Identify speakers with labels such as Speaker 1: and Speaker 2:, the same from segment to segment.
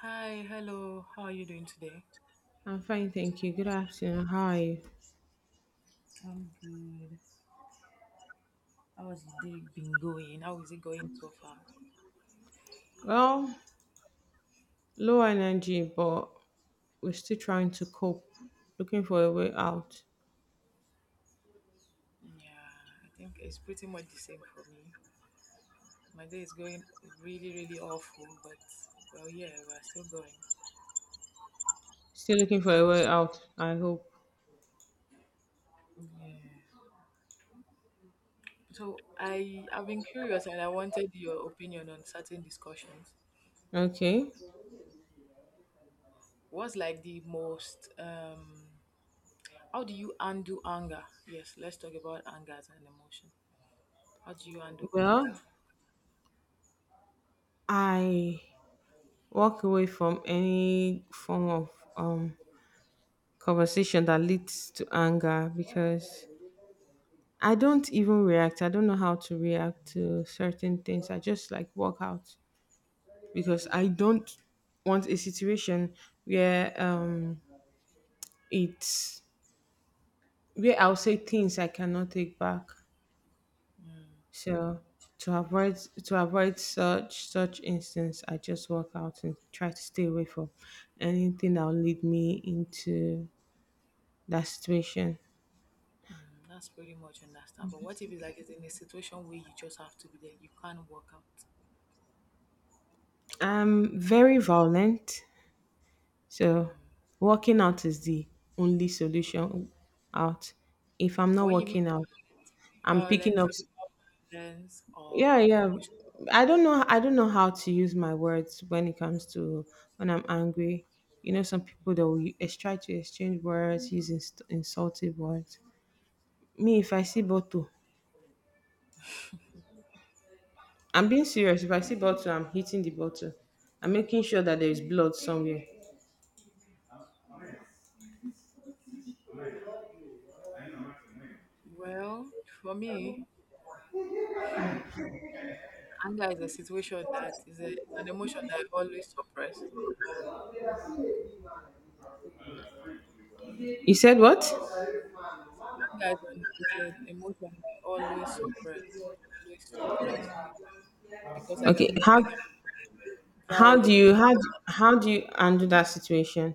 Speaker 1: Hi, hello. How are you doing today?
Speaker 2: I'm fine, thank you. Good afternoon. Hi.
Speaker 1: I'm good. How has the day been going? How is it going so far?
Speaker 2: Well, low energy, but we're still trying to cope. Looking for a way out.
Speaker 1: Yeah, I think it's pretty much the same for me. My day is going really, really awful, but well, yeah, we're still going.
Speaker 2: Still looking for a way out, I hope.
Speaker 1: Yeah. So I've been curious and I wanted your opinion on certain discussions.
Speaker 2: Okay.
Speaker 1: What's like the most how do you undo anger? Yes, let's talk about anger as an emotion. How do you undo anger?
Speaker 2: Well, I walk away from any form of um conversation that leads to anger because I don't even react. I don't know how to react to certain things. I just like walk out because I don't want a situation where it's where I'll say things I cannot take back.
Speaker 1: Hmm.
Speaker 2: So to avoid to avoid such instance, I just walk out and try to stay away from anything that'll lead me into that situation.
Speaker 1: Mm, that's pretty much understandable. What if it's like it's in a situation where you just have to be there, you can't work out?
Speaker 2: I'm very violent, so working out is the only solution out. If I'm not
Speaker 1: When you mean
Speaker 2: working out, I'm picking
Speaker 1: violent,
Speaker 2: up.
Speaker 1: physical violence
Speaker 2: Yeah,
Speaker 1: or
Speaker 2: yeah,
Speaker 1: emotion,
Speaker 2: I don't know how to use my words when it comes to when I'm angry. You know, some people that will try to exchange words, use insultive words. Me, if I see bottle, I'm being serious, if I see bottle, I'm hitting the bottle. I'm making sure that there is blood somewhere.
Speaker 1: well, for me, anger is a situation that is a, it's an emotion that I always suppress.
Speaker 2: You said what?
Speaker 1: Anger is an emotion that I always suppress because
Speaker 2: Okay,
Speaker 1: I can be
Speaker 2: how do
Speaker 1: violent
Speaker 2: you
Speaker 1: too.
Speaker 2: how do, how do you handle that situation?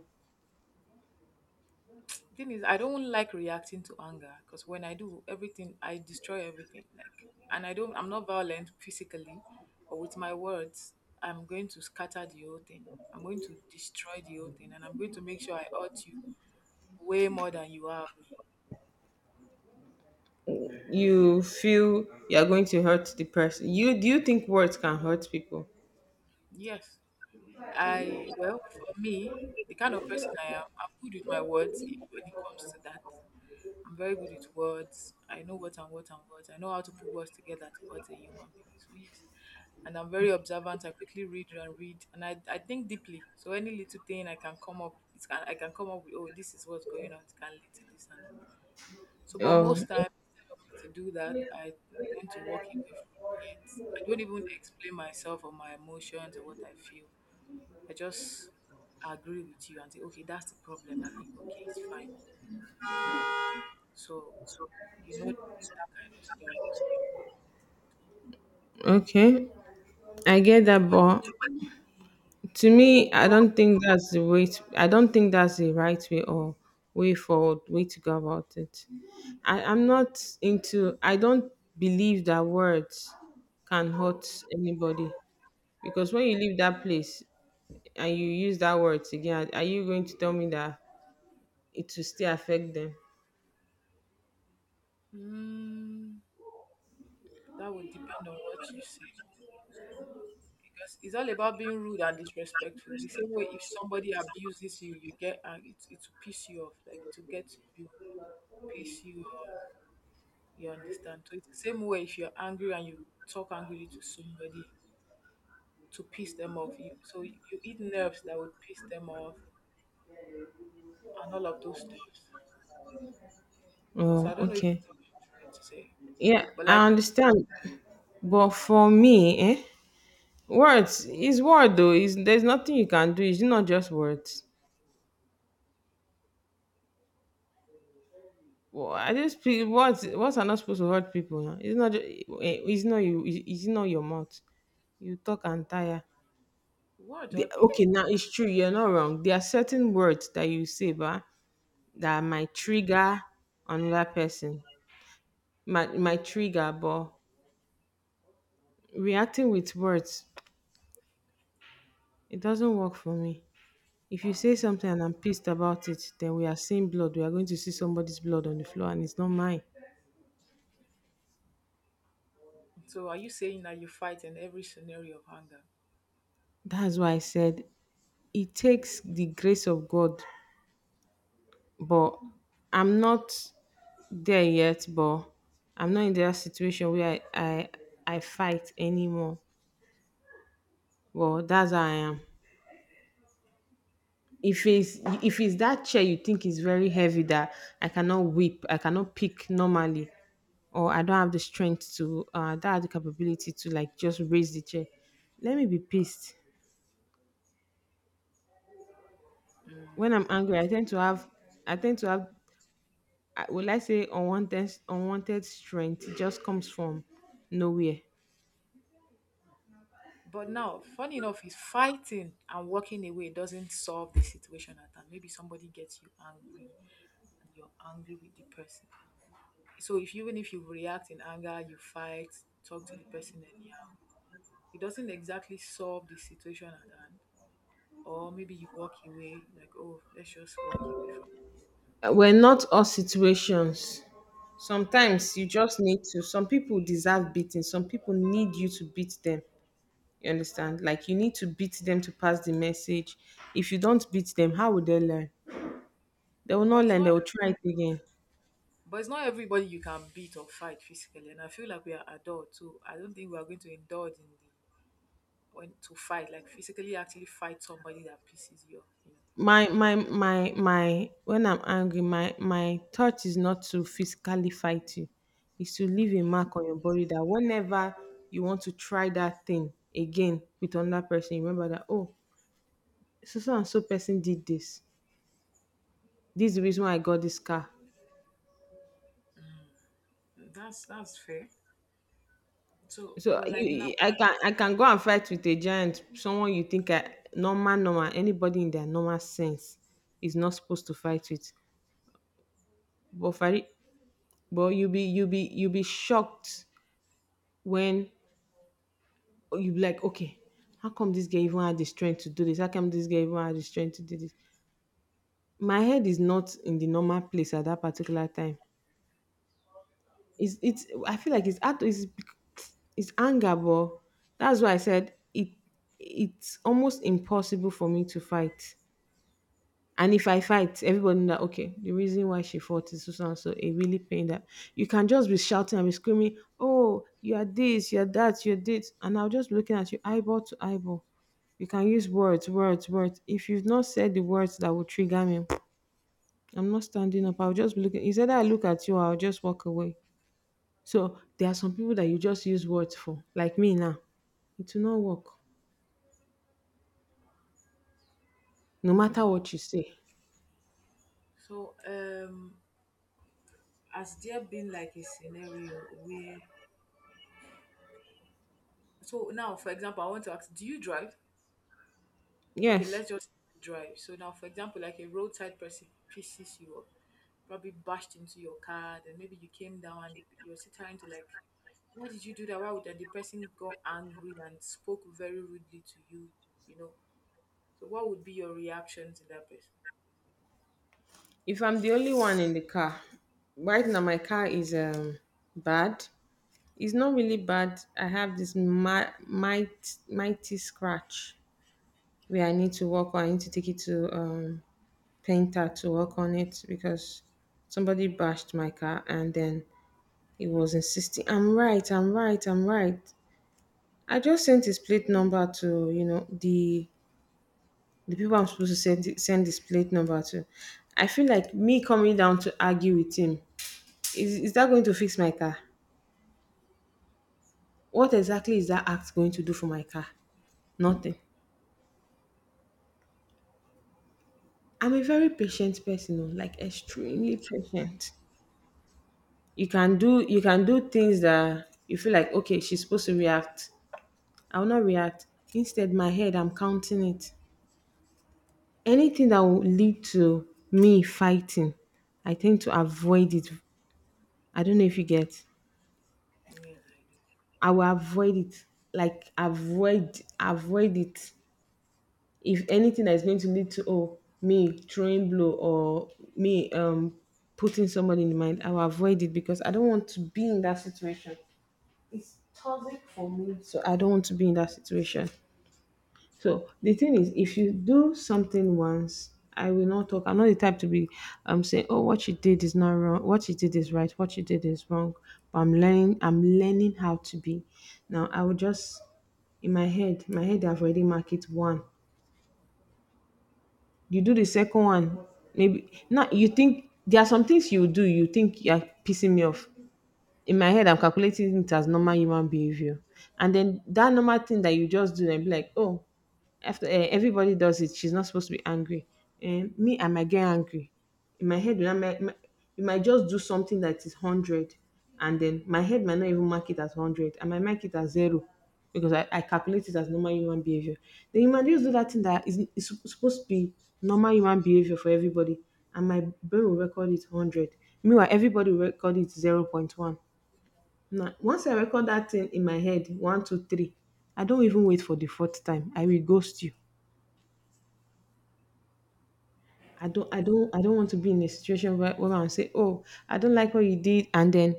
Speaker 1: The thing is, I don't like reacting to anger because when I do, everything I destroy everything. Like, and I don't. I'm not violent physically, but with my words, I'm going to scatter the whole thing. I'm going to destroy the whole thing, and I'm going to make sure I hurt you way more than you have me.
Speaker 2: You feel you're going to hurt the person? You do you think words can hurt people?
Speaker 1: Yes, I. Well, for me, the kind of person I am, I'm good with my words. When it comes to that, I'm very good with words. I know what and what and what. I know how to put words together to hurt a human being. So yes. And I'm very observant. I quickly read and read, and I think deeply. So any little thing I can come up, it can I can come up with. Oh, this is what's going on. It can lead to this and this. So, but most
Speaker 2: Oh,
Speaker 1: time instead of me to do that, I tend to walk away from it. I don't even explain myself or my emotions or what I feel. I just agree with you and say, okay, that's the problem. I'll be okay. It's fine. So you know that kind of stuff.
Speaker 2: okay, I get
Speaker 1: So,
Speaker 2: that,
Speaker 1: but
Speaker 2: but to me, I
Speaker 1: God,
Speaker 2: don't think that's the way. To, I don't think that's the right way or way forward, way to go about it. I, I'm not into. I don't believe that words can hurt anybody, because when you leave that place and you use that words again, are you going to tell me that it will still affect them?
Speaker 1: mm, that would depend on what you say. Because it's all about being rude and disrespectful. The same way if somebody abuses you, you get and it will piss you off. Like it to get you piss you off. You understand? So it's the same way if you're angry and you talk angrily to somebody to piss them off. You, so you eat nerves that would piss them off and all of those stuff. So I
Speaker 2: Oh,
Speaker 1: don't know if
Speaker 2: okay.
Speaker 1: you know what to say.
Speaker 2: Yeah,
Speaker 1: But
Speaker 2: I
Speaker 1: like
Speaker 2: understand. But for me, eh, words is word though. Is there's nothing you can do. It's not just words. Well, I just feel words are not supposed to hurt people. Huh? It's not eh, it's not you it's not your mouth. You talk and tire.
Speaker 1: what are the odd people
Speaker 2: Okay,
Speaker 1: now?
Speaker 2: now it's true. You're not wrong. There are certain words that you say, but that
Speaker 1: Mm.
Speaker 2: might trigger another person. Might trigger, but reacting with words, it doesn't work for me. If you say something and I'm pissed about it, then we are seeing blood. We are going to see somebody's blood on the floor, and it's not mine.
Speaker 1: So are you saying that you fight in every scenario of anger?
Speaker 2: That's why I said it takes the grace of God, but I'm not there yet. But I'm not in that situation where I fight anymore. Well, that's how I am. If it's that chair you think is very heavy that I cannot whip, I cannot pick normally, or I don't have the strength to, that the capability to like just raise the chair. Let me be pissed. When I'm angry, I tend to have, I tend to have, I- will I say unwanted strength. It just comes from nowhere.
Speaker 1: But now, funny enough, is fighting and walking away doesn't solve the situation at hand. Maybe somebody gets you angry and you're angry with the person. So if even if you react in anger, you fight, talk to the person anyhow, it doesn't exactly solve the situation at hand. Or maybe you walk away, like, oh, let's just walk away from
Speaker 2: We're not all situations. Sometimes you just need to. Some people deserve beating. Some people need you to beat them. You understand? Like you need to beat them to pass the message. If you don't beat them, how will they learn? They will
Speaker 1: it.
Speaker 2: not learn. They will try it again.
Speaker 1: But it's not everybody you can beat or fight physically. And I feel like we are adults, so I don't think we are going to indulge in the when to fight, like physically actually fight somebody that pisses you off, you know.
Speaker 2: My my my my. When I'm angry, my thought is not to physically fight you. It's to
Speaker 1: Mm.
Speaker 2: leave a mark on your body that whenever you want to try that thing again with another person, you remember that, oh, so so and so person did this. This is the reason why I got this car.
Speaker 1: Mm, that's fair. So,
Speaker 2: So
Speaker 1: but like now,
Speaker 2: you, I can go and fight with a giant, someone you think I, normal anybody in their normal sense is not supposed to fight with. But for it, but you be shocked when you be like, okay, how come this guy even had the strength to do this? How come this guy even had the strength to do this? My head is not in the normal place at that particular time. It's I feel like it's hard it's bec- it's anger, but that's why I said it's almost impossible for me to fight. And if I fight, everybody know that okay, the reason why she fought is so so and so it really pained that you can just be shouting and be screaming, oh, you are this, you are that, you're this, and I'll just be looking at you eyeball to eyeball. You can use words. If you've not said the words that will trigger me, I'm not standing up. I'll just be looking. Instead, I look at you, I'll just walk away. So there are some people that you just use words for, like me now. It will not work, no matter what you say.
Speaker 1: so has there been like a scenario where? So now, for example, I want to ask: do you drive? Okay,
Speaker 2: Yes,
Speaker 1: let's just drive. So now, for example, like a roadside person pisses you off, probably bashed into your car, then maybe you came down and you're still trying to like, why did you do that? Why would that? The person got angry and spoke very rudely to you, you know. So what would be your reaction to that person?
Speaker 2: if I'm the only one in the car, right now my car is bad. It's not really bad. I have this might mighty scratch where I need to work on. I need to take it to painter to work on it because somebody bashed my car, and then he was insisting I'm right. I just sent his plate number to, you know, the people I'm supposed to send this plate number to. I feel like me coming down to argue with him is that going to fix my car? What exactly is that act going to do for my car? Nothing. I'm a very patient person, oh, like extremely patient. You can do things that you feel like okay, she's supposed to react. I will not react. Instead, my head, I'm counting it. Anything that will lead to me fighting, I tend to avoid it. I don't know if you get.
Speaker 1: Yes, I do.
Speaker 2: I will avoid it. Like avoid it. If anything that is going to lead to oh me throwing blow or me putting somebody in mind, I will avoid it because I don't want to be in that situation. It's toxic for me. So I don't want to be in that situation. So the thing is, if you do something once, I will not talk. I'm not the type to be saying, "Oh, what you did is not wrong. What you did is right. What you did is wrong." But I'm learning. I'm learning how to be. Now I will just in my head. My head, I've already marked it one. You do the second one, maybe. Now you think there are some things you do. You think you are pissing me off in my head, I'm calculating it as normal human behavior. And then that normal thing that you just do and be like, oh, after everybody does it, she's not supposed to be angry. And me, I might get angry. In my head, when you might just do something that is 100. And then my head might not even mark it as 100. I might mark it as zero because I calculate it as normal human behavior. Then you might just do that thing that is, supposed to be normal human behavior for everybody. And my brain will record it 100. Meanwhile, everybody will record it 0 0.1. Now, once I record that thing in my head, one, two, three, I don't even wait for the fourth time. I will ghost you. I don't want to be in a situation where I'm say, oh, I don't like what you did, and then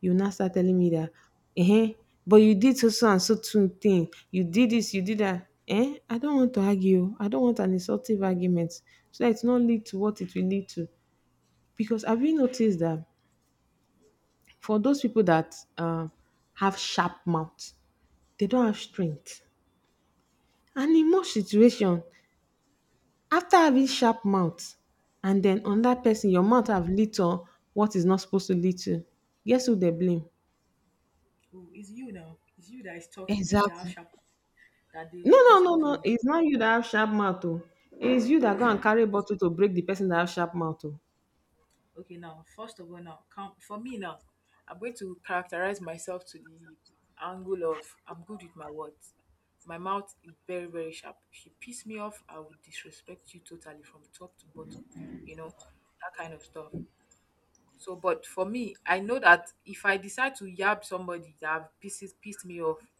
Speaker 2: you now start telling me that eh, but you did so so and so two thing. You did this, you did that. Eh? I don't want to argue. I don't want an insultive argument. So that it's not lead to what it will lead to. Because have you noticed that for those people that have sharp mouth, they don't have strength, and in most situation after having sharp mouth and then on that person your mouth have lit on what is not supposed to lead to, guess who they blame?
Speaker 1: Oh, it's you now. It's you that is talking. You that are
Speaker 2: Exactly.
Speaker 1: sharp. That they pissed off
Speaker 2: No,
Speaker 1: in the.
Speaker 2: it's not you that have sharp mouth oh, it's you that go
Speaker 1: It's
Speaker 2: and
Speaker 1: you.
Speaker 2: carry bottle to break the person that have sharp mouth oh,
Speaker 1: Okay, now first of all, now come for me now. I'm going to characterize myself to the angle of I'm good with my words. My mouth is very very sharp. If you piss me off, I would disrespect you totally from top to bottom. You know that kind of stuff. So, but for me, I know that if I decide to yab somebody that have pisses pissed me off,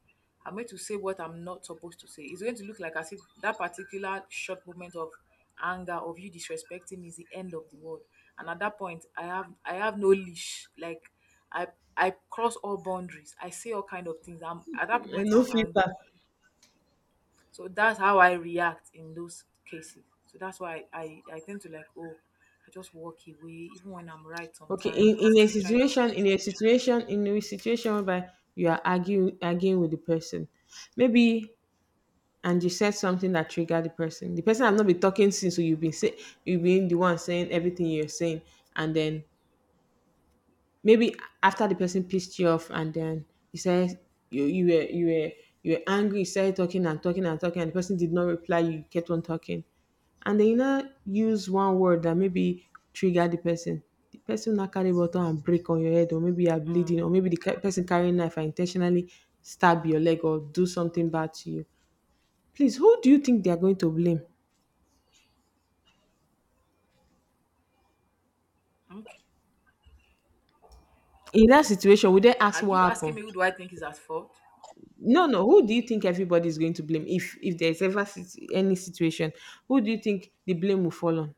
Speaker 1: I'm going to say what I'm not supposed to say. It's going to look like as if that particular short moment of anger of you disrespecting me is the end of the world. And at that point, I have no leash. Like I I cross all boundaries. I say all kind of things. I'm at that
Speaker 2: and
Speaker 1: moment
Speaker 2: no
Speaker 1: I'm angry.
Speaker 2: filter.
Speaker 1: So that's how I react in those cases. So that's why I tend to like, oh, I just walk away. Even when I'm right
Speaker 2: Okay,
Speaker 1: sometimes, they still try to
Speaker 2: in a situation whereby you are arguing with the person, maybe. And you said something that triggered the person. The person have not been talking since, so you've been say, you've been the one saying everything you're saying, and then maybe after the person pissed you off, and then you said you you were you were you were angry, you started talking and talking and talking, and the person did not reply. You kept on talking, and then you now use one word that maybe triggered the person. The person now carry bottle and break on your head, or maybe you are bleeding,
Speaker 1: Mm.
Speaker 2: or maybe the person carrying knife and intentionally stab your leg or do something bad to you. Please, who do you think they are going to blame?
Speaker 1: Okay.
Speaker 2: In that situation, would they
Speaker 1: Are
Speaker 2: ask what
Speaker 1: you asking
Speaker 2: happened?
Speaker 1: me who do I think is at fault?
Speaker 2: No, no. Who do you think everybody is going to blame? If there's ever any situation, who do you think the blame will fall on?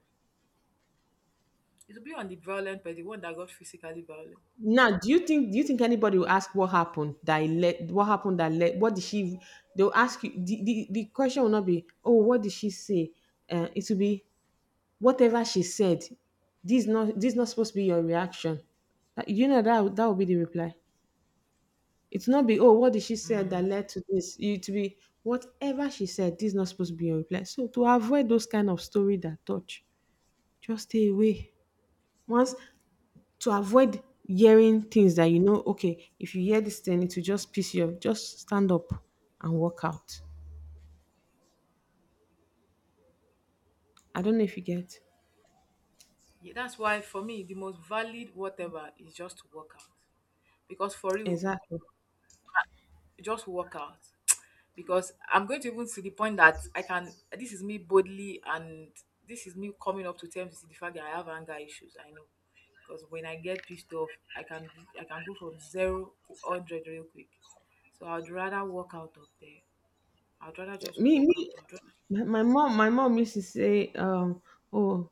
Speaker 1: It will be on the violent, but the one that got physically violent.
Speaker 2: Now, do you think anybody will ask what happened that led what did she they'll ask you the, question will not be, "Oh, what did she say?" It will be, "Whatever she said. This is not supposed to be your reaction." You know that will be the reply. It's not be, "Oh, what did she say that led to this?" It to be, "Whatever she said, this is not supposed to be your reply." So to avoid those kind of story that touch, just stay away. Once to avoid hearing things that, you know, okay, if you hear this thing, it will just piss you off. Just stand up and walk out. I don't know if you get.
Speaker 1: Yeah, that's why for me the most valid whatever is just to work out. Because for you,
Speaker 2: Exactly.
Speaker 1: just work out. Because I'm going to even to the point that I can. This is me boldly, and this is me coming up to terms with the fact that I have anger issues. I know. Because when I get pissed off, I can I can go from zero to hundred real quick. So I'd rather walk out of there. I'd rather just
Speaker 2: Me,
Speaker 1: walk out.
Speaker 2: me,
Speaker 1: I'd
Speaker 2: my mom used to say, oh,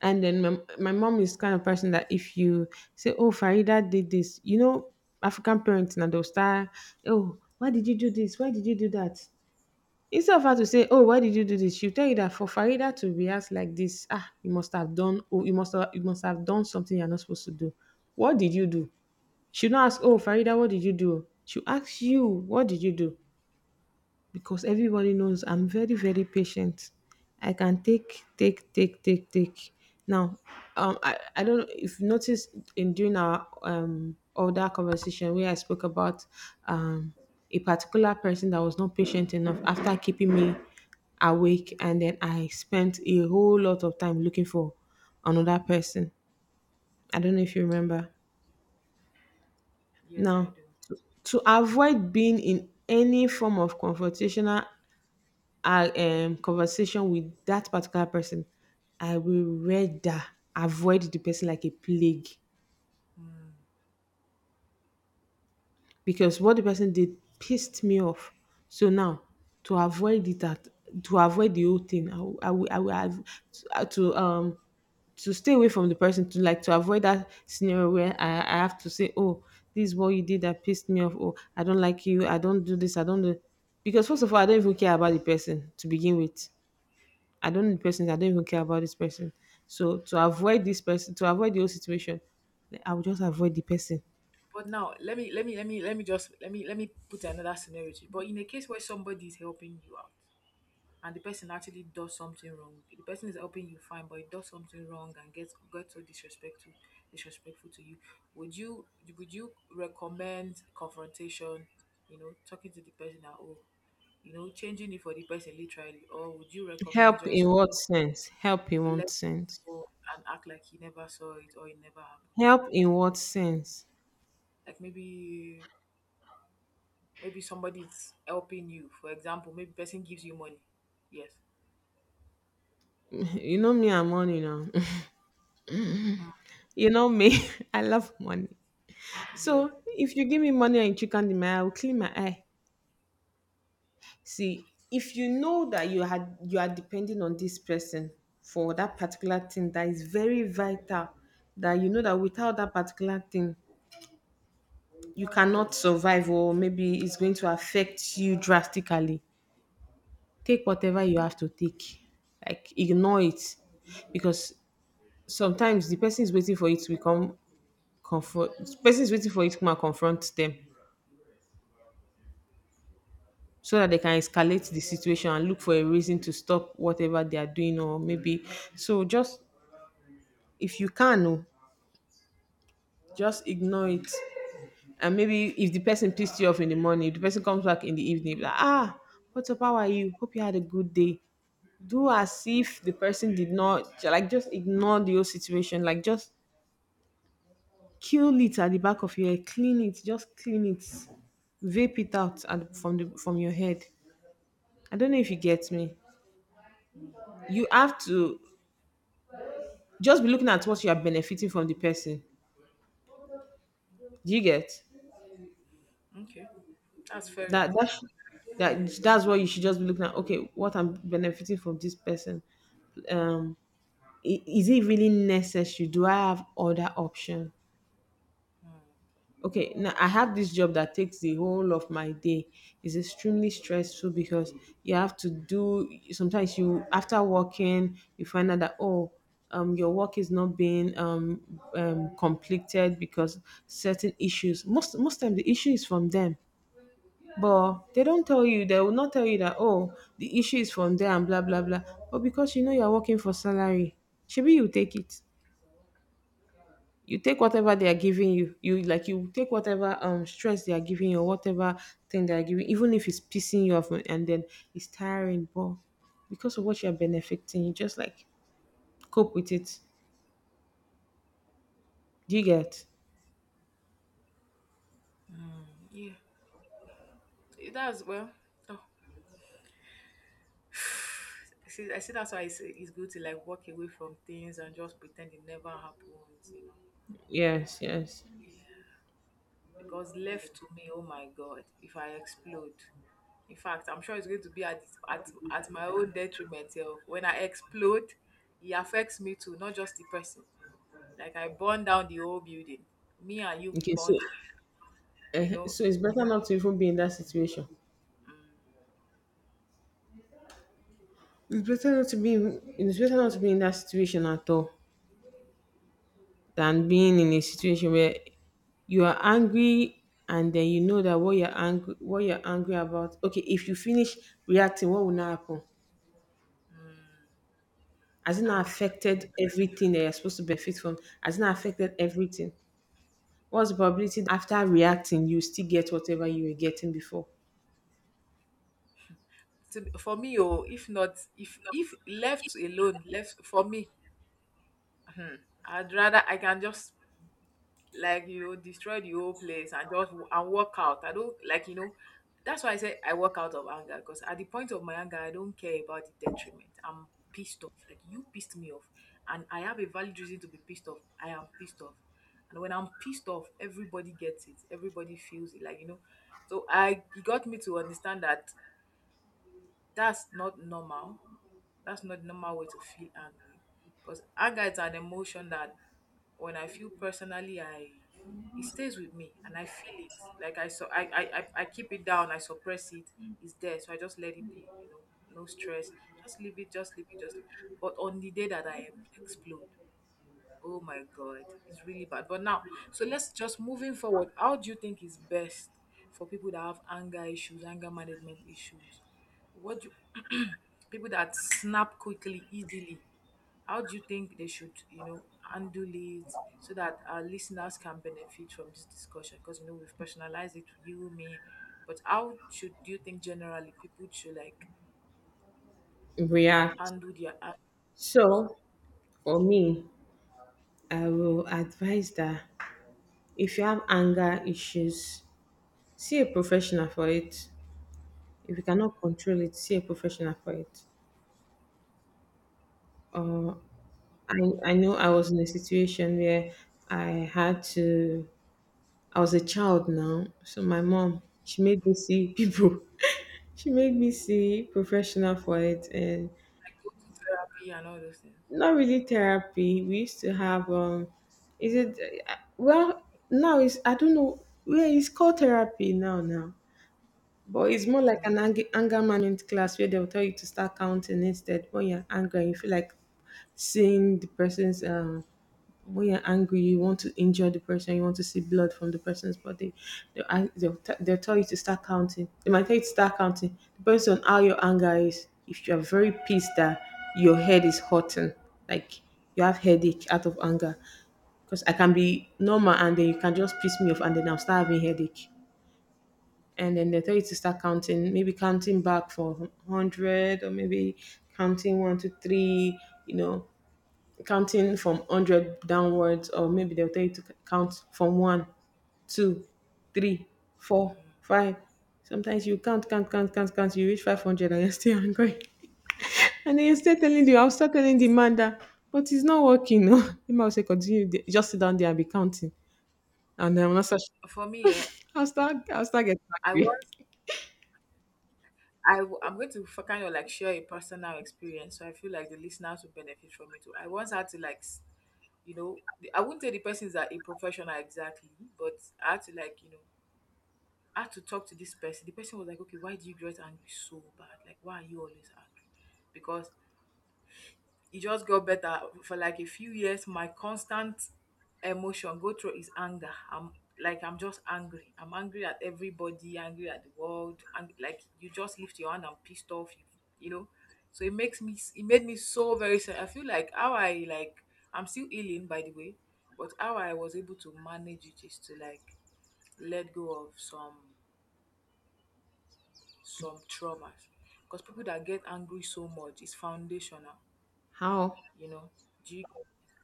Speaker 2: and then my mom is kind of person that if you say, oh, Farida did this, you know, African parents now they'll start, oh, why did you do this? Why did you do that? Instead of her to say, oh, why did you do this? She'll tell you that for Farida to react like this, ah, you must have done, oh, you must have done something you're not supposed to do. What did you do? She'll not ask, oh, Farida, what did you do? She'll ask you, what did you do? Because everybody knows I'm very patient. I can take. Now, I don't know if you noticed in during our older conversation where I spoke about um a particular person that was not patient enough after keeping me awake, and then I spent a whole lot of time looking for another person. I don't know if you remember.
Speaker 1: Yes, I
Speaker 2: Now,
Speaker 1: do.
Speaker 2: to avoid being in any form of confrontational our conversation with that particular person, I will rather avoid the person like a plague because what the person did pissed me off. So now, to avoid it at to avoid the whole thing, I will have to, to um to stay away from the person to like to avoid that scenario where I have to say, oh, this is what you did that pissed me off. Oh, I don't like you. I don't do this. I don't do, because first of all, I don't even care about the person to begin with. I don't need person. I don't even care about this person. So to avoid this person, to avoid the whole situation, I will just avoid the person.
Speaker 1: But now let me let me let me let me just let me put another scenario. To you. But in a case where somebody is helping you out and the person actually does something wrong, the person is helping you fine, but it does something wrong and gets so disrespectful to you. Would you would you recommend confrontation? You know, talking to the person now, oh, you know, changing it for the person literally, or would you
Speaker 2: Help
Speaker 1: recommend
Speaker 2: in
Speaker 1: just
Speaker 2: what sense?
Speaker 1: let go and act like he never saw it or it never happened?
Speaker 2: Help in what sense?
Speaker 1: Like maybe maybe somebody's helping you. For example, maybe person gives you money. Yes.
Speaker 2: You know me, I'm money now.
Speaker 1: Mm.
Speaker 2: You know me, I love money.
Speaker 1: Yes.
Speaker 2: So if you give me money and chicken the eye, I will clean my eye. See, if you know that you are depending on this person for that particular thing that is very vital, that you know that without that particular thing, you cannot survive or maybe it's going to affect you drastically, take whatever you have to take, like ignore it, because sometimes the person is waiting for it to become comfort the person is waiting for it to come and confront them so that they can escalate the situation and look for a reason to stop whatever they are doing or maybe. So just, if you can, oh, just ignore it. And maybe if the person pissed you off in the morning, if the person comes back in the evening, be like, ah, what's up, how are you, hope you had a good day. Do as if the person did not, like, just ignore the whole situation, like, just kill it at the back of your head, clean it, just clean it, vape it out and from the from your head. I don't know if you get me. You have to just be looking at what you are benefiting from the person. Do you get?
Speaker 1: Okay. That's fair
Speaker 2: That that
Speaker 1: enough.
Speaker 2: sh- that that's what you should just be looking at okay what I'm benefiting from this person um I- is it really necessary do I have other option
Speaker 1: Mm.
Speaker 2: okay now I have this job that takes the whole of my day it's extremely stressful because you have to do sometimes you after working you find out that oh your work is not being completed because certain issues most most time the issue is from them but they don't tell you they will not tell you that oh the issue is from there and blah blah blah but because you know you're working for salary maybe you take it you take whatever they are giving you you like you take whatever stress they are giving you or whatever thing they are giving even if it's pissing you off and then it's tiring but because of what you're benefiting you just like cope with it do you get
Speaker 1: Yeah. Eh, that's well. Oh, I see that's why it's good to like walk away from things and just pretend it never happened, you know.
Speaker 2: yes, yes.
Speaker 1: Because left to me, oh my God, if I explode, in fact, I'm sure it's going to be at at my own detriment. Self. When I explode, it affects me too, not just the person. Like I burn down the whole building. Me and you, we
Speaker 2: Okay, so
Speaker 1: burn. You know
Speaker 2: so it's better not to even be in that situation. It's better not to be in that situation at all than being in a situation where you are angry, and then you know that what you're angry about. Okay, if you finish reacting, what will now happen? Has it not
Speaker 1: and
Speaker 2: affected everything that you're supposed to benefit from? Has it not affected everything? What's the probability that after reacting you still get whatever you were getting before
Speaker 1: to, for me, oh if not if if left alone left for me, I'd rather I can just like you know, destroy the whole place and just and walk out. I don't like you know that's why I say I walk out of anger because at the point of my anger I don't care about the detriment. I'm pissed off, like you pissed me off and I have a valid reason to be pissed off. I am pissed off, and when I'm pissed off everybody gets it, everybody feels it, like you know. So I, it got me to understand that that's not normal. That's not the normal way to feel angry. Because anger is an emotion that when I feel personally, I it stays with me and I feel it. Like I so I keep it down, I suppress it. It's there, so I just let it be. You know, no stress. Just leave it. Just leave it. Just. Leave it. But on the day that I explode, oh my god, it's really bad. But now, so let's just moving forward. How do you think is best for people that have anger issues, anger management issues? What do you, people that snap quickly, easily? How do you think they should, you know, handle it so that our listeners can benefit from this discussion? Because you know we've personalized it to you, me, but how should do you think generally people should like
Speaker 2: react?
Speaker 1: handle their issues,
Speaker 2: So, for me, I will advise that if you have anger issues, see a professional for it. If you cannot control it, see a professional for it. Uh, I, I know I was in a situation where I had to, I was a child now. So my mom, she made me see people. She made me see professional for it. And
Speaker 1: like go to therapy and all those things?
Speaker 2: not really therapy. We used to have, is it, well, now it's, I don't know, well, it's called therapy now. But it's more like an anger management class where they'll tell you to start counting instead. When you're angry, and you feel like seeing the person's when you're angry, you want to injure the person, you want to see blood from the person's body, they'll tell you to start counting. They might tell you to start counting, depends on how your anger is. If you are very pissed that your head is hurting, like you have headache out of anger, because I can be normal and then you can just piss me off and then I'll start having headache. And then they tell you to start counting, maybe counting back for 100, or maybe counting one, two, three, you know, counting from 100 downwards, or maybe they'll tell you to count from one, two, three, four, five. Sometimes you count, you reach 500 and you're still angry. And then you're still telling the I'll start telling the man that, but it's not working. No. The man will say continue just sit down there and be counting. And then I'm not such.
Speaker 1: For me, yeah,
Speaker 2: I'll start getting
Speaker 1: I
Speaker 2: angry.
Speaker 1: was. I'm going to for kind of like share a personal experience, so I feel like the listeners will benefit from it too. I once had to like, you know, I wouldn't say the person is a professional exactly, but I had to like, you know, I had to talk to this person. The person was like, okay, why do you get angry so bad? Like, why are you always angry? Because it just got better for like a few years. My constant emotion go through is anger. I'm like, I'm just angry. I'm angry at everybody, angry at the world. And like, you just lift your hand and pissed off, you know? So it made me so very sad. I feel like I'm still healing, by the way, but how I was able to manage it is to like let go of some traumas. Because people that get angry so much is foundational,
Speaker 2: How?
Speaker 1: you know. Do you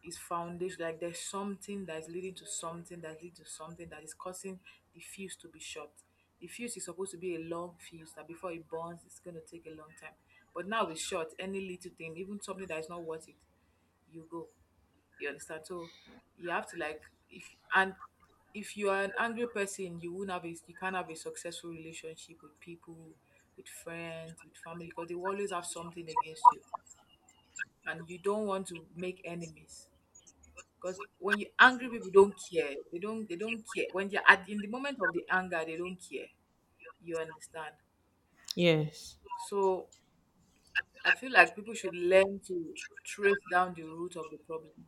Speaker 1: Is foundation like there's something that's leading to something that leads to something that is causing the fuse to be short. The fuse is supposed to be a long fuse that before it burns, it's gonna take a long time. But now it's short, any little thing, even something that is not worth it, you go. You understand? So you have to if and if you are an angry person, you can't have a successful relationship with people, with friends, with family, because they will always have something against you. And you don't want to make enemies. Because when you angry people don't care. They don't care. When they're at in the moment of the anger, they don't care. You understand?
Speaker 2: Yes,
Speaker 1: So I feel like people should learn to trace down the root of the problem,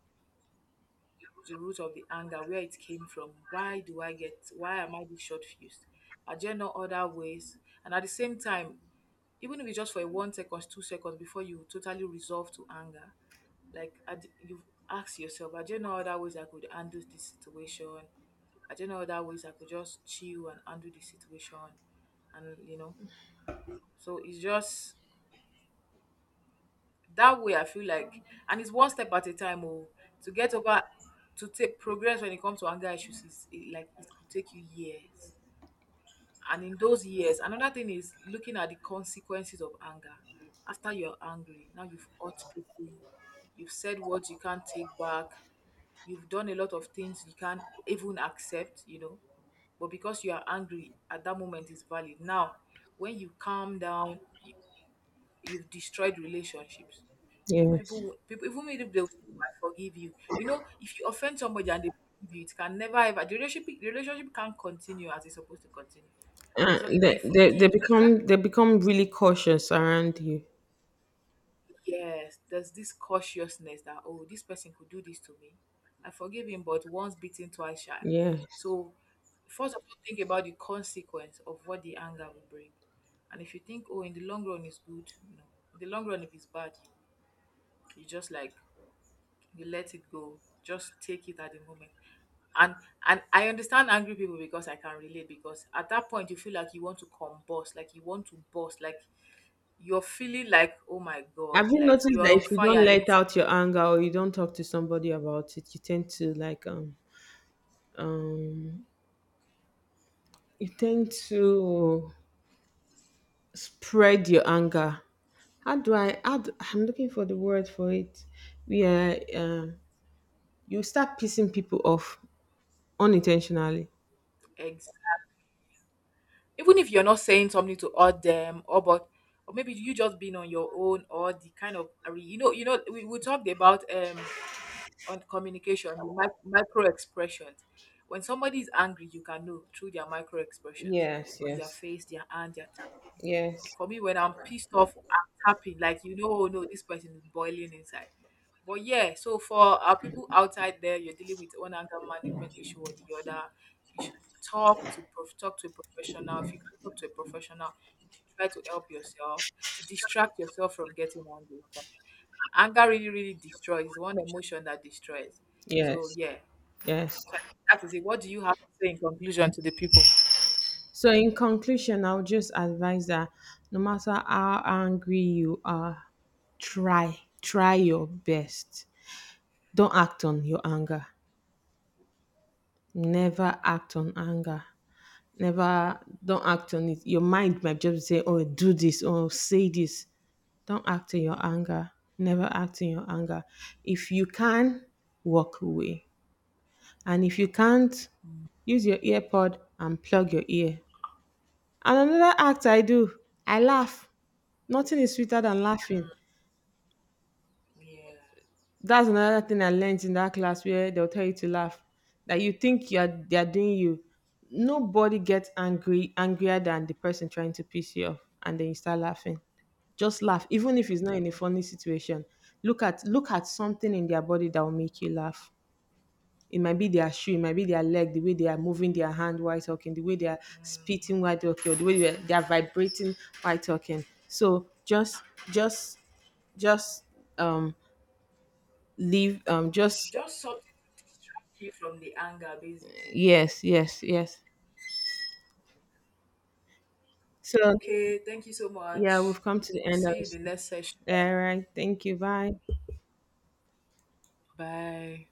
Speaker 1: the root of the anger, where it came from. Why am I this short fused? Are there no other ways? And at the same time, even if it's just for a 1 second, 2 seconds before you totally resolve to anger, like at the- you ask yourself, are there no other ways I could handle this situation? Are there no other ways I could just chill and handle the situation? And you know, so it's just that way I feel like. And it's one step at a time to get over, to take progress when it comes to anger issues. Like it could take you years. And in those years, another thing is looking at the consequences of anger. After you're angry, now you've hurt people, you've said what you can't take back, you've done a lot of things you can't even accept, you know. But because you are angry at that moment is valid. Now when you calm down, you've destroyed relationships.
Speaker 2: yes.
Speaker 1: People, even if they forgive you, you know, if you offend somebody and they forgive you, it can never ever the relationship can't continue as it's supposed to continue. There's a the f-
Speaker 2: They
Speaker 1: the, fact,
Speaker 2: become, they become really cautious around you.
Speaker 1: yes, there's this cautiousness that, oh, this person could do this to me. I forgive him, but once bitten, twice shy.
Speaker 2: Yes.
Speaker 1: So first of all, think about the consequence of what the anger will bring. And if you think, oh, in the long run it's good, no. In the long run, if it's bad, you just like you let it go, just take it at the moment. And and i understand angry people because I can relate, because at that point you feel like you want to combust, like you want to burst, like you're feeling like, oh my god,
Speaker 2: Have you
Speaker 1: like
Speaker 2: noticed that
Speaker 1: you're
Speaker 2: if
Speaker 1: on
Speaker 2: you
Speaker 1: fire
Speaker 2: don't let
Speaker 1: inside.
Speaker 2: out your anger or you don't talk to somebody about it, you tend to like you tend to spread your anger. How do I how do, I'm looking for the word for it. Yeah, you start pissing people off unintentionally.
Speaker 1: Eggs, even if you're not saying something to all them or maybe you just being on your own or the kind of, you know, we talked about on communication, the micro expressions. When somebody is angry, you can know through their micro expressions
Speaker 2: Yes,
Speaker 1: on their
Speaker 2: yes,
Speaker 1: face, their hand, their tapping.
Speaker 2: yes,
Speaker 1: For me, when I'm pissed off, I'm tapping. Like you know, oh no, this person is boiling inside. But yeah, so for our people outside there, you're dealing with one anger management issue or the other. You should talk to a professional. If you can talk to a professional, you should try to help yourself. Distract yourself from getting angry. Anger really, really destroys. It's one emotion that destroys. So
Speaker 2: yes,
Speaker 1: yeah.
Speaker 2: yes.
Speaker 1: So that is it. What do you have to say in conclusion to the people?
Speaker 2: So, in conclusion, I would just advise that no matter how angry you are, try, try your best. Don't act on your anger. Never act on anger. Never, don't act on it. Your mind might just say, "Oh, do this," or "Say this." Don't act in your anger. Never act in your anger. If you can, walk away. And if you can't, use your earpod and plug your ear. And another act I do, I laugh. Nothing is sweeter than laughing.
Speaker 1: Yeah.
Speaker 2: That's another thing I learned in that class where they'll tell you to laugh. That you think you're they're doing you. Nobody gets angry angrier than the person trying to piss you off and then you start laughing. Just laugh. Even if it's not in a funny situation. Look at something in their body that will make you laugh. It might be their shoe, it might be their leg, the way they are moving their hand while talking, the way they are spitting while talking, or the way they are vibrating while talking. So just just um just.
Speaker 1: Just something to distract you from the anger, basically.
Speaker 2: Yes, yes, yes. So,
Speaker 1: Okay, thank you so
Speaker 2: yeah,
Speaker 1: much.
Speaker 2: we've come to the
Speaker 1: We'll
Speaker 2: end
Speaker 1: see
Speaker 2: of
Speaker 1: you in the
Speaker 2: this.
Speaker 1: next session.
Speaker 2: All right. Thank you. Bye.
Speaker 1: Bye.